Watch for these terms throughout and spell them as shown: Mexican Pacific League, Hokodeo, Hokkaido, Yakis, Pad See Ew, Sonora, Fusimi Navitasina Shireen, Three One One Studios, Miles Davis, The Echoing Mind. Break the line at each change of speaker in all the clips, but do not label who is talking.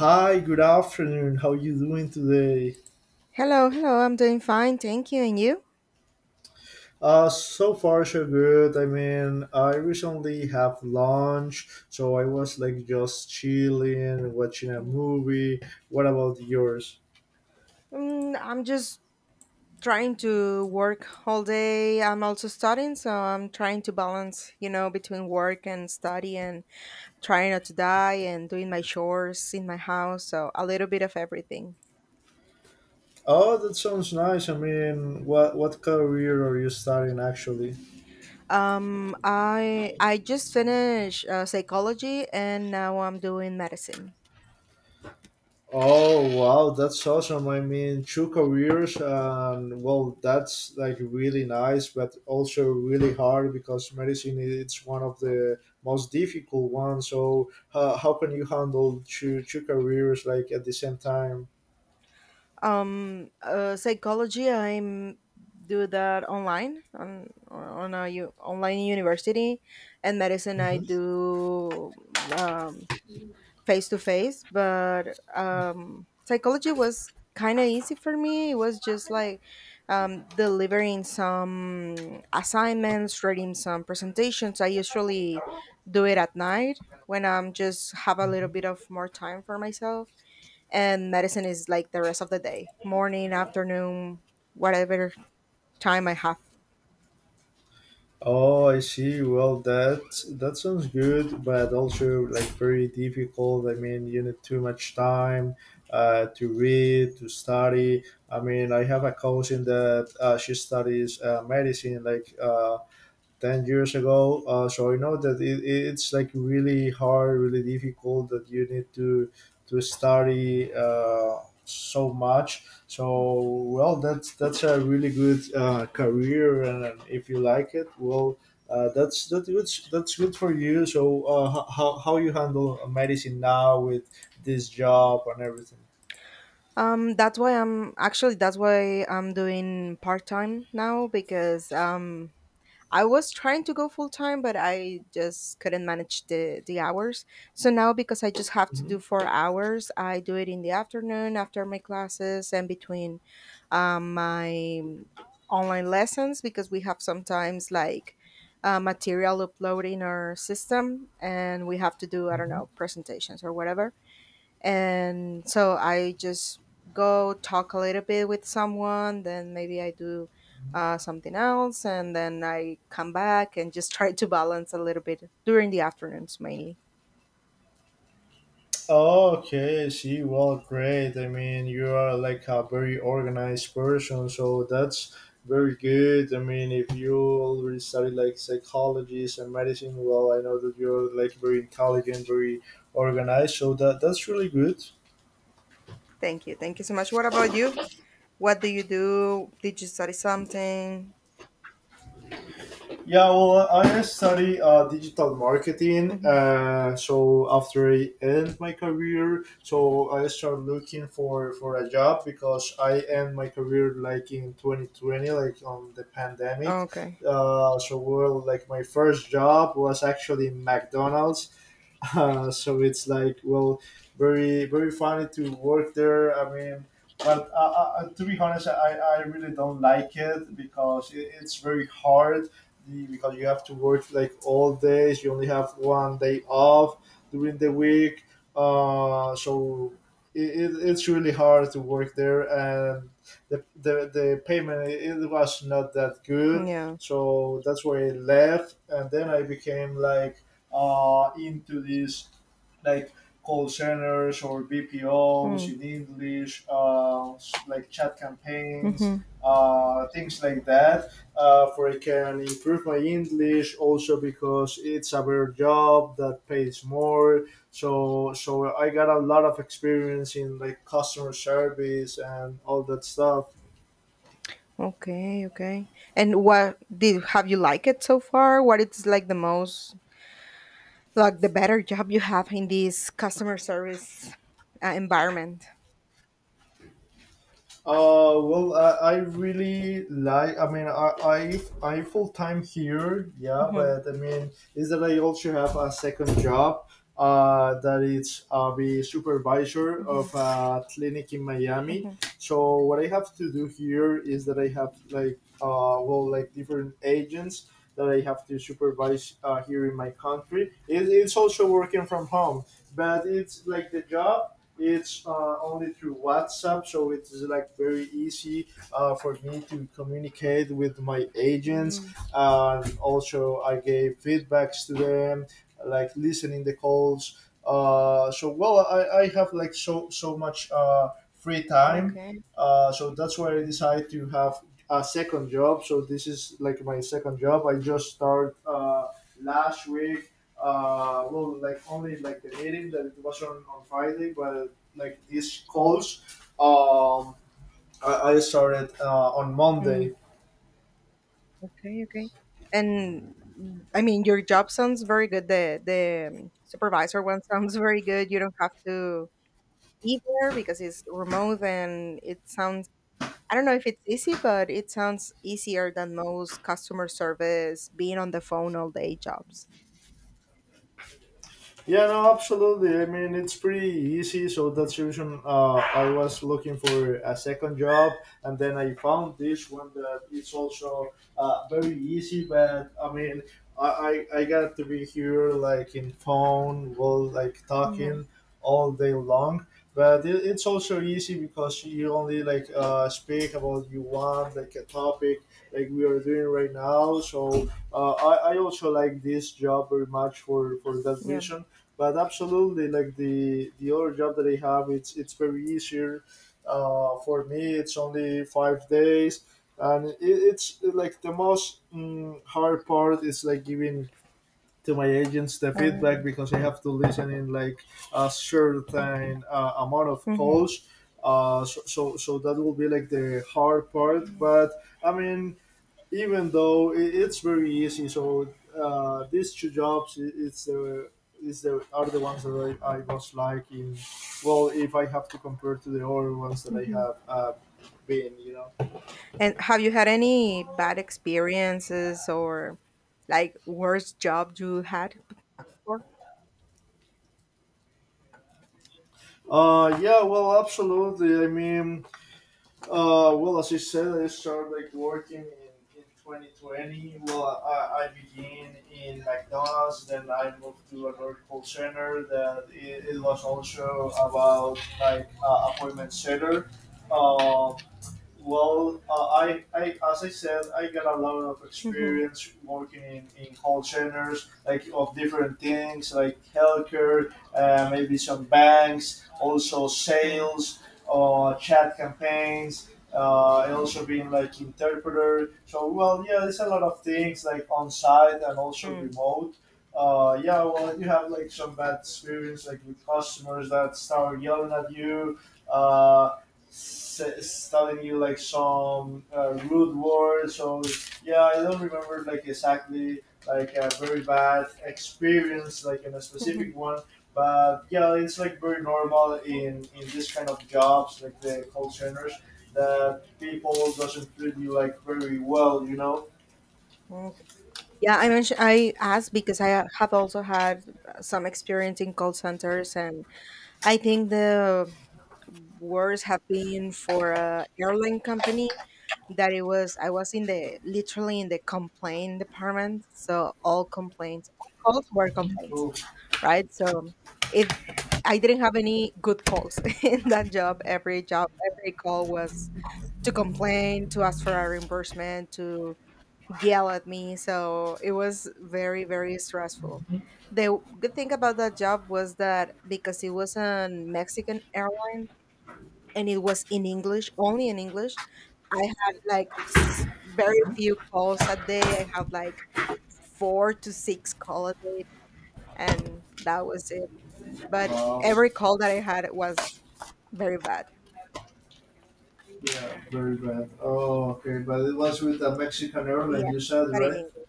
Hi, good afternoon. How you doing today?
Hello, hello. I'm doing fine, thank you. And you?
So far so good. I mean, I recently have lunch, so I was like just chilling, watching a
Mm,
movie. What about yours?
mm, I'm just trying to work all day. I'm also studying, so I'm trying to balance, between work and study and trying not to die and doing my chores in my house. So a little bit of everything.
Oh, that sounds nice. I mean, what career are you studying actually?
I just finished psychology and now I'm doing medicine.
Oh wow, that's awesome. I mean, two careers, and well, that's like really nice, but also really hard because it's one of the most difficult ones. So, how can you handle two careers like at the same time?
Psychology I'm do that online on online university and medicine I do um face to face. But psychology was kind of easy for me. It was just like delivering some assignments, writing some presentations. I usually do it at night, when I'm just have a little bit of more time for myself. And medicine is like the rest of the day, morning, afternoon, whatever time I have.
Oh, I see. Well, that sounds good, but also like very difficult. I mean, you need too much time to read, to study. I mean, I have a cousin that she studies medicine, like 10 years ago, so I know that it's like really hard, really difficult, that you need to study so much. So well, that's a really good career, and if you like it, well, that's that's good for you. So how you handle medicine now with this job and everything?
That's why I'm doing part-time now, because I was trying to go full time, but I just couldn't manage the hours. So now, because I just have to do
Mhm.
four hours, I do it in the afternoon after my classes and between my online lessons, because we have sometimes like material upload in our system, and we have to do, I don't
Mhm.
know, presentations or whatever. And so I just go talk a little bit with someone, then maybe I do something else, and then I come back and just try to balance a little bit during the afternoons, mainly.
Okay, I see. Well, great. I mean, you are like a very organized person, so that's very good. I mean, if you already studied like psychology and medicine, well, I know that you're like very intelligent, very organized. So that's really good.
Thank you, thank you so much. What about you? What do you do? Did you study something?
Yeah, well, I study digital marketing.
Hmm.
So after I end my career, so I start looking for a job because I end my career like in 2020, like on the pandemic.
Okay.
So well, like my first job was actually McDonald's. So it's like, well, very funny to work there. I mean, but to be honest, I really don't like it because it's very hard. Because you have to work like all days, you only have one day off during the week. So it's really hard to work there, and the payment, it was not that good.
Yeah.
So that's why I left, and then I became like into these like call centers or BPOs
Mm.
in English, like chat campaigns,
Mm-hmm.
things like that. For I can improve my English also because it's a better job that pays more. So I got a lot of experience in like customer service and all that stuff.
Okay, okay. And what did, have you liked it so far? What it's like the most, like the better job you have in this customer service environment?
Well, I really like. I mean, I full time here, yeah.
Mhm,
But I mean, is that I also have a second job. That is the supervisor
mhm,
of a clinic in Miami.
mhm.
So what I have to do here is that I have like, uh, well, like different agents that I have to supervise here in my country. It's also working from home, but it's like the job, it's only through WhatsApp, so it's like very easy for me to communicate with my agents.
Mm.
And also, I gave feedbacks to them, like listening the calls. So well, I have like so much free time.
Okay.
So that's why I decided to have a second job. So this is like my second job. I just started last week, well, like only like the meeting that it was on Friday, but like these calls, um, I started on
Mm.
Monday.
Okay. Okay. And mm, I mean, your job sounds very good. The supervisor one sounds very good. You don't have to be there because it's remote, and it sounds, I don't know if it's easy, but it sounds easier than most customer service being on the phone all day jobs.
Yeah, no, absolutely. I mean, it's pretty easy, so that's the reason I was looking for a second job, and then I found this one that is also very easy. But I mean, I, I got to be here like in phone, well, like
Mhm.
talking all day long. But it's also easy because you only like speak about you want like a topic like we are doing right now. So I also like this job very much for that
Yeah.
reason. But absolutely, like the other job that I have, it's very easier for me. It's only 5 days and it's like the most hard part is like giving to my agents the
Uh, all
feedback because I have to listen in like a
right.
certain amount of calls, so that will be like the hard part. But I mean, even though it's very easy. So these two jobs, I- it's the is the are the ones that I was liking. Well, if I have to compare to the other ones that I
Mhm.
have been, you know.
And have you had any bad experiences or like worst job you had before?
Yeah, well, absolutely. I mean, well, as I said, I started like working in 2020. Well, I began in McDonald's, then I moved to another call center that it was also about like appointment setter. Um, well, I, as I said, I got a lot of
Hmm.
experience working in call centers, like of different things, like healthcare, maybe some banks, also
Mm.
sales, chat campaigns, and also being like interpreter. So, well, yeah, there's a lot of things like on site and also
Mm.
remote. Yeah, well, you have like some bad experience, like with customers that start yelling at you. Uh, Telling you like some rude words, or yeah, I don't remember like exactly like a very bad experience like in a
Mhm.
specific one. But yeah, it's like very normal in this kind of jobs, like the call centers, that people doesn't treat you like very well, you know.
Mm. Yeah, I mentioned, I asked because I have also had some experience in call centers, and I think the worst have been for a airline company that it was, I was in the literally in the complaint department, so all complaints, all calls were complaints.
Oh,
Right? So if I didn't have any good calls in that job, every call was to complain, to ask for a reimbursement, to yell at me. So it was very, very stressful. The good thing about that job was that because it was a Mexican airline and it was in English, only in English, I had like s- very few calls a day. I had like four to six call a day, and that was it. But
wow.
every call that I had was very bad.
Yeah,
Yeah.
very bad. Oh, okay. But it was with a Mexican airline,
Yes,
you said,
but in
right?
English.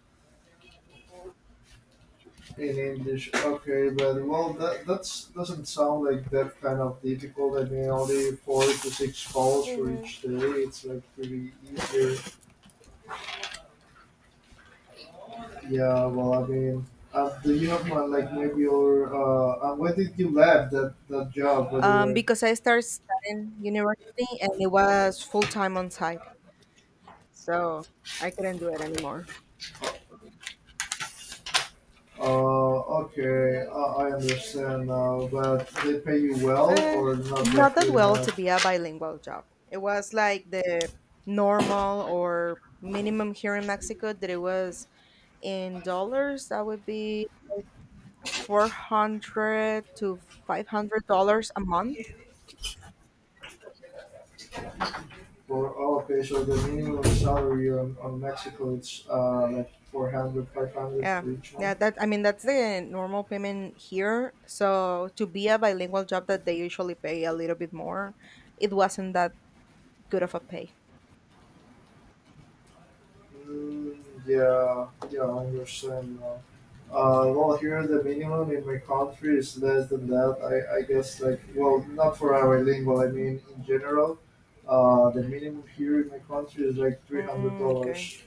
In English. Okay, but well, that that's doesn't sound like that kind of difficult. I mean, only four to six calls for
Mm-hmm.
each day. It's like pretty easier. Yeah, well, I mean, do you have one like maybe your, and when did you left that job, by the way?
Because I started studying university and it was full time on site, so I couldn't do it anymore.
Okay, I understand now. But they pay you well
Eh,
or not that
not that
good
well to
enough?
be a bilingual job. It was like the normal or minimum here in Mexico, that it was in dollars. That would be four hundred to five hundred dollars a month.
For, oh, okay, so the minimum salary on Mexico it's like 400, 500
Yeah,
for each month.
yeah. That, I mean, that's the normal payment here. So to be a bilingual job, that they usually pay a little bit more, it wasn't that good of a pay.
Mm, yeah, yeah, I understand now. Well, here the minimum in my country is less than that. I guess, like, well, not for our lingual, I mean, in general, the minimum here in my country is like
Mm, okay.
$300.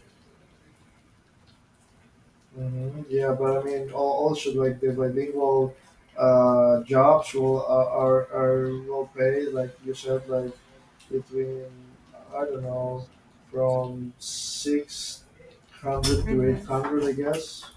Mm-hmm. Yeah, but I mean, al- also, like, the bilingual jobs will, are well paid, like you said, like, between, I don't know, from 600 to eight
Mm-hmm.
hundred, I guess.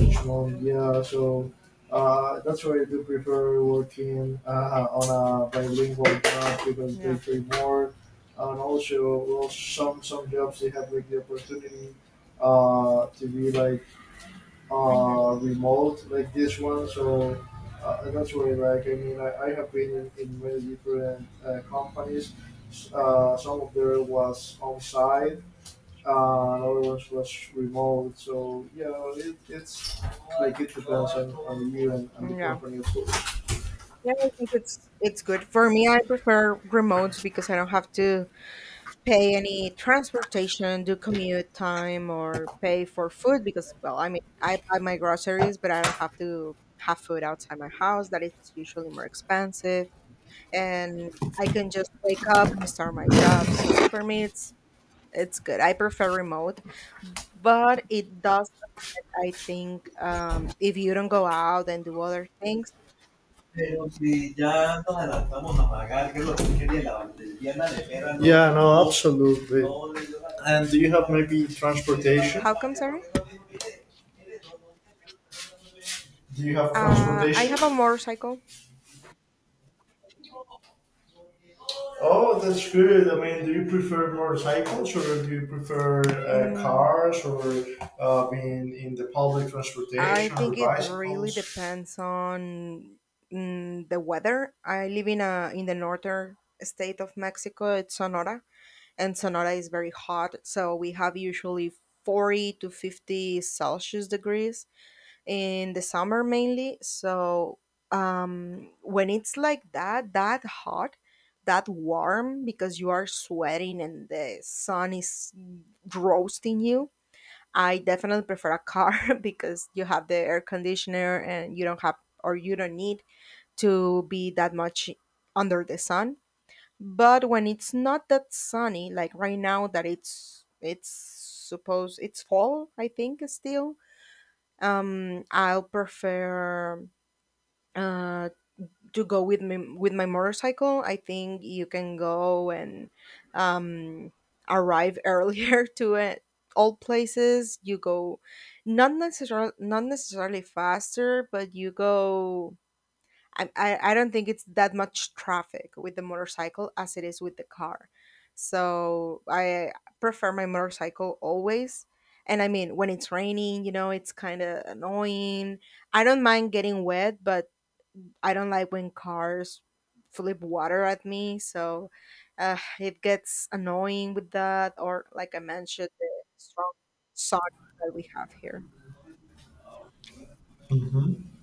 Each month, yeah. So that's why I do prefer working on a bilingual job because they
Yeah.
pay more, and also, well, some jobs they have like the opportunity to be like
Mm-hmm.
remote like this one. So that's why, like, I mean, I have been in many different companies. Some of there was on site, and other ones was remote. So yeah, it's like it depends on you and the
Yeah.
company, of.
Yeah, I think it's good for me. I prefer remotes, because I don't have to pay any transportation, do commute time, or pay for food. Because, well, I mean, I buy my groceries, but I don't have to have food outside my house, that is usually more expensive. And I can just wake up and start my job. So for me, it's good. I prefer remote, but it does. I think if you don't go out and do other things.
Pero si ya nos adelantamos a pagar, que es lo que quería la valdiviana de Vera. No- Yeah, no, absolutely. No And do you have maybe transportation?
How come? Sorry,
Do you have
I
transportation?
have a motorcycle.
Oh, that's good. I mean, do you prefer motorcycles or do you prefer
Mm,
cars or being in the public
I
transportation or
think it really
bicycles?
depends on mm, the weather. I live in a in the northern state of Mexico. It's Sonora, and Sonora is very hot, so we have usually 40 to 50 Celsius degrees in the summer mainly. So when it's like that, that hot, that warm, because you are sweating and the sun is roasting you, I definitely prefer a car because you have the air conditioner and you don't have, or you don't need to be that much under the sun. But when it's not that sunny, like right now that it's supposed it's fall, I think, still I'll prefer uh to go with me with my motorcycle. I think you can go, and um arrive earlier to it, all places you go, not necessarily, not necessarily faster, but you go. I don't think it's that much traffic with the motorcycle as it is with the car. So I prefer my motorcycle always. And I mean, when it's raining, you know, it's kind of annoying. I don't mind getting wet, but I don't like when cars flip water at me. So it gets annoying with that. Or, like I mentioned, the strong sun that we have here.
Mm-hmm.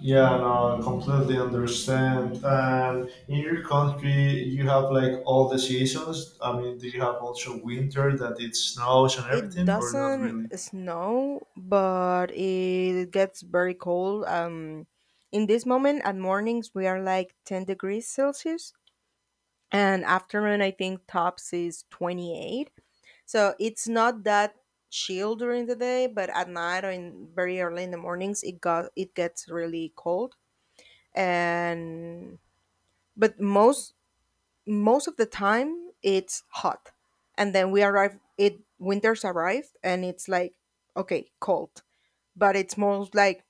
Yeah, no, I completely understand. And in your country, you have like all the seasons. I mean, do you have also winter that it snows and
It
everything, or not
doesn't
really?
snow, but it gets very cold. In this moment, at mornings, we are like 10 degrees Celsius, and afternoon, I think tops is 28. So it's not that chill during the day, but at night or in very early in the mornings, it gets really cold. And but most of the time it's hot, and then we arrive, it winters arrive, and it's like, okay, cold, but it's more like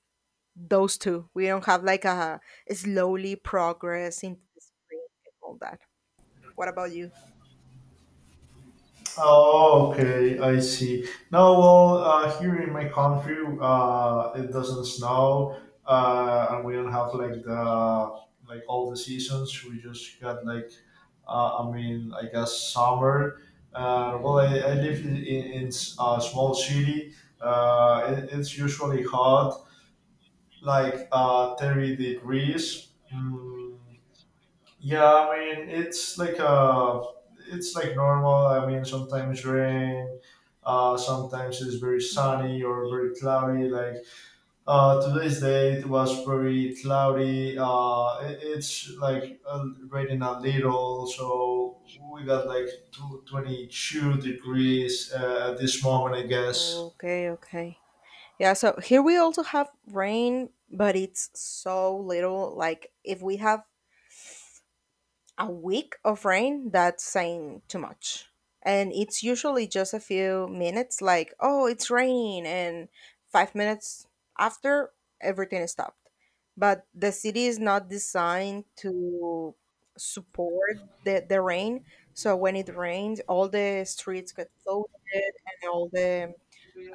those two. We don't have like a slowly progress into the spring and all that. What about you?
Oh, okay, I see. No, well, here in my country, it doesn't snow, and we don't have like the like all the seasons. We just got like, I mean, I guess summer. Well, I live in a small city. It's usually hot, like 30 degrees. Yeah, I mean it's it's like normal. I mean sometimes rain, sometimes it's very
Mhm.
sunny or very cloudy. Like today's day it was very cloudy. It's like raining a little, so we got like two twenty two degrees at this moment, I guess.
Okay, okay. Yeah, so here we also have rain, but it's so little. Like if we have a week of rain, that's saying too much. And it's usually just a few minutes, like, oh, it's raining. And five minutes after, everything is stopped. But the city is not designed to support the rain. So when it rains, all the streets get flooded, and all the,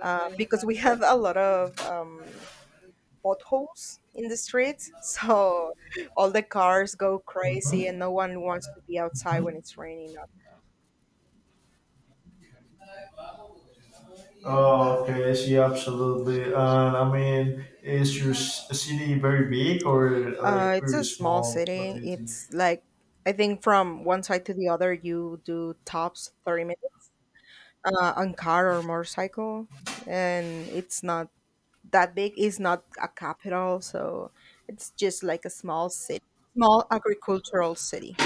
because we have a lot of potholes in the street. So all the cars go crazy,
Mhm.
and no one wants to be outside when it's raining.
Oh, okay, I see, absolutely. And I mean, is your city very big or like
It's
pretty
a small
small? What
city.
do you think?
It's like, I think from one side to the other, you do tops 30 minutes on car or motorcycle. And it's not that big. It's not a capital. So it's just like a small city, small agricultural city.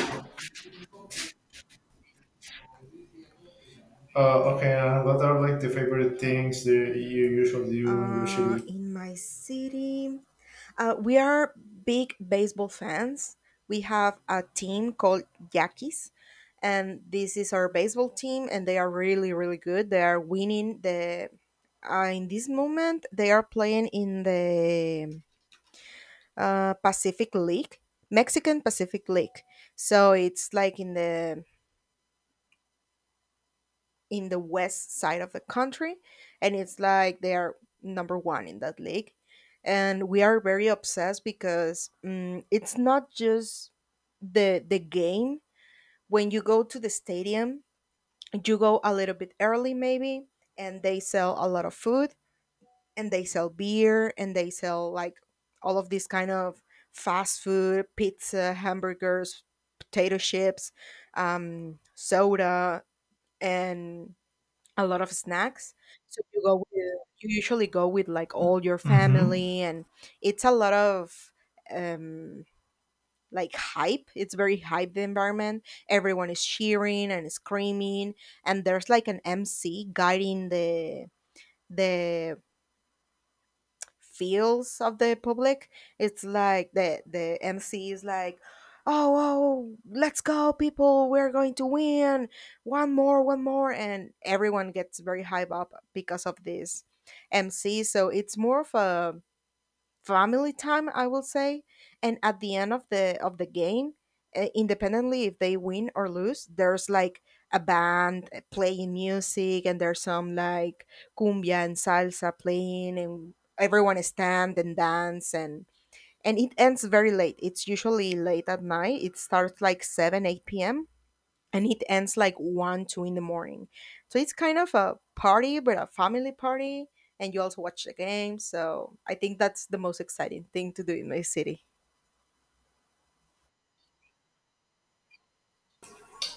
Okay, and what are like the favorite things that you usually do in your city?
In my city, uh, we are big baseball fans. We have a team called Yakis, and this is our baseball team, and they are really, really good. They are winning the. In this moment, they are playing in the Pacific League, Mexican Pacific League. So it's like in the west side of the country, and it's like they are number one in that league. And we are very obsessed, because mm it's not just the game. When you go to the stadium, you go a little bit early, maybe, and they sell a lot of food, and they sell beer, and they sell like all of this kind of fast food, pizza, hamburgers, potato chips, soda, and a lot of snacks. So you go with, you usually go with like all your
Mm-hmm.
family, and it's a lot of um, like hype. It's very hype environment. Everyone is cheering and screaming, and there's like an MC guiding the feels of the public. It's like the MC is like, oh, oh, let's go, people! We're going to win! One more, one more! And everyone gets very hype up because of this MC. So it's more of a family time, I will say. And at the end of the game, independently if they win or lose, there's like a band playing music, and there's some like cumbia and salsa playing, and everyone stand and dance. And it ends very late. It's usually late at night. It starts like 7 8 p.m. and it ends like 1 2 in the morning. So it's kind of a party, but a family party. And you also watch the game. So I think that's the most exciting thing to do in my city.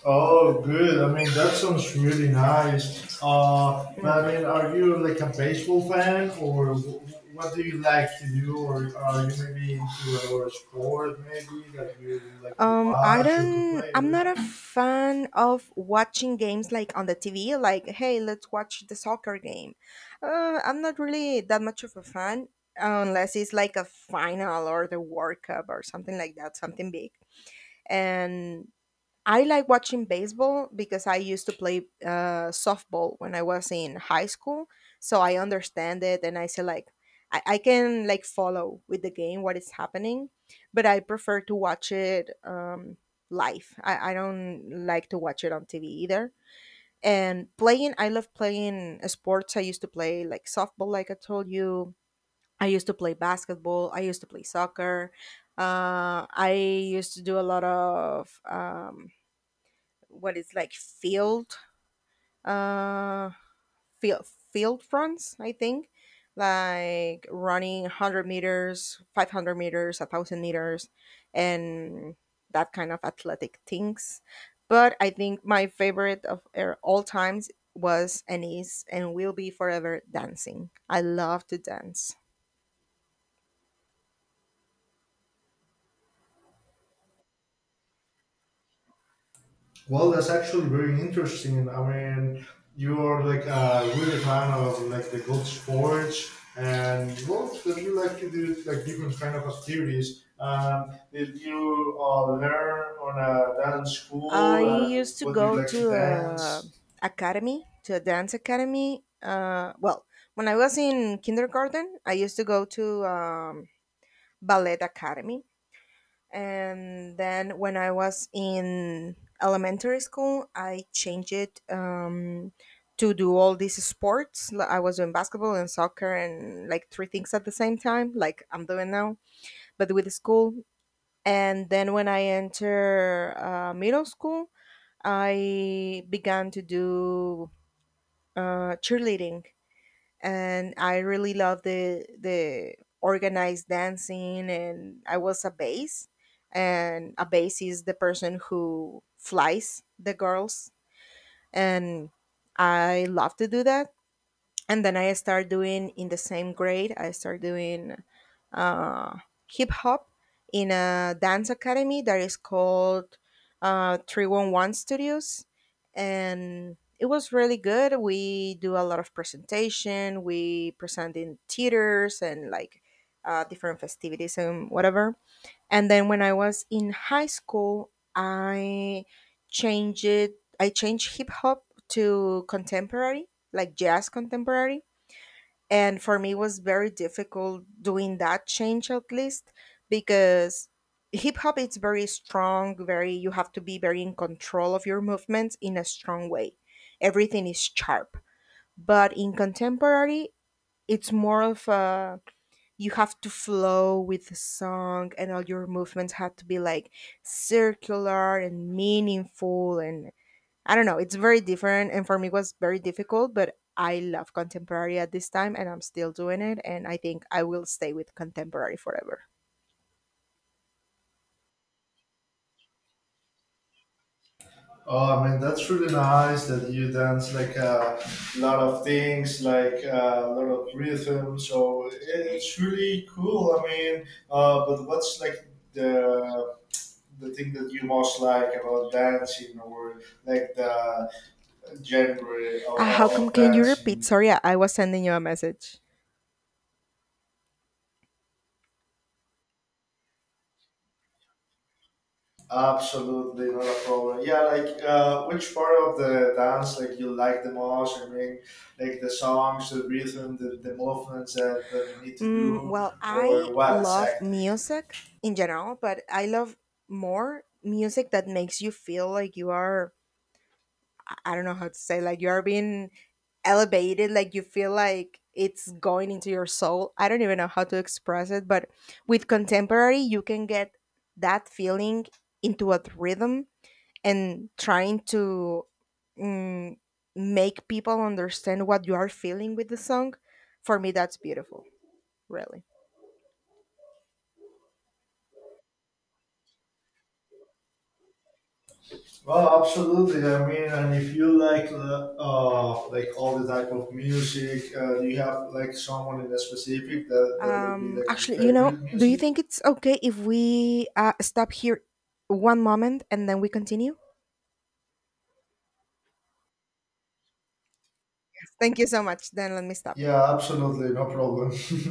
Oh, good. I mean, that sounds really nice.
Mm.
But I mean, are you like a baseball fan, or what do you like to do, or are you maybe into like a sport maybe that you like to
I
watch or to
don't,
play? I
I'm
don't
not a
know.
fan of watching games like on the TV, like, hey, let's watch the soccer game. I'm not really that much of a fan unless it's like a final or the World Cup or something like that, something big. And I like watching baseball because I used to play softball when I was in high school, so I understand it, and I say, like, I can, like, follow with the game what is happening, but I prefer to watch it live. I don't like to watch it on TV either. And playing, I love playing sports. I used to play like softball, like I told you. I used to play basketball. I used to play soccer. I used to do a lot of what is like field uh field field runs, I think, like running 100 meters, 500 meters, 1000 meters, and that kind of athletic things. But I think my favorite of all times was and is and will be forever dancing. I love to dance.
Well, that's actually very interesting. I mean, you are like a really fan of like the gold sports, and well, that you like to do like different kind of activities. Did you learn on a dance
I
school, and
used to
what do you
go
like to
to a
dance?
academy, to a dance academy. Well, when I was in kindergarten, I used to go to ballet academy, and then when I was in elementary school, I changed it to do all these sports. Like, I was doing basketball and soccer and like three things at the same time, like I'm doing now, but with school. And then when I enter middle school, I began to do cheerleading, and I really loved the organized dancing. And I was a bass, and a bass is the person who flies the girls, and I love to do that. And then I start doing in the same grade. I start doing uh, hip hop in a dance academy that is called 311 Studios, and it was really good. We do a lot of presentation. We present in theaters and like different festivities and whatever. And then when I was in high school, I changed it. I changed hip hop to contemporary, like jazz contemporary. And for me, it was very difficult doing that change, at least because hip hop is very strong. Very, you have to be very in control of your movements in a strong way. Everything is sharp. But in contemporary, it's more of a, you have to flow with the song and all your movements have to be like circular and meaningful, and I don't know. It's very different, and for me, it was very difficult. But I love contemporary at this time, and I'm still doing it. And I think I will stay with contemporary forever.
Oh, I mean, that's really nice that you dance like a lot of things, like a lot of rhythm. So it's really cool. I mean, but what's like the thing that you most like about dancing, or like the genre
How come?
of
Can you repeat?
dancing?
Sorry, I was sending you a message.
Absolutely, not a problem. Yeah, like which part of the dance like you like the most? I mean, like the songs, the rhythm, the movements that you need to
Mm,
do,
well,
or
I
what
love
exactly?
music in general, but I love more music that makes you feel like you are, I don't know how to say, like you're being elevated, like you feel like it's going into your soul. I don't even know how to express it, but with contemporary, you can get that feeling into a rhythm and trying to, mm, make people understand what you are feeling with the song. For me, that's beautiful, really.
Well, absolutely. I mean, and if you like all the type of music, do you have like someone in a specific that will be like your
Actually, you know,
favorite
do you
music?
think it's okay if we stop here one moment and then we continue? Thank you so much. Then let me stop it.
Yeah, absolutely, no problem.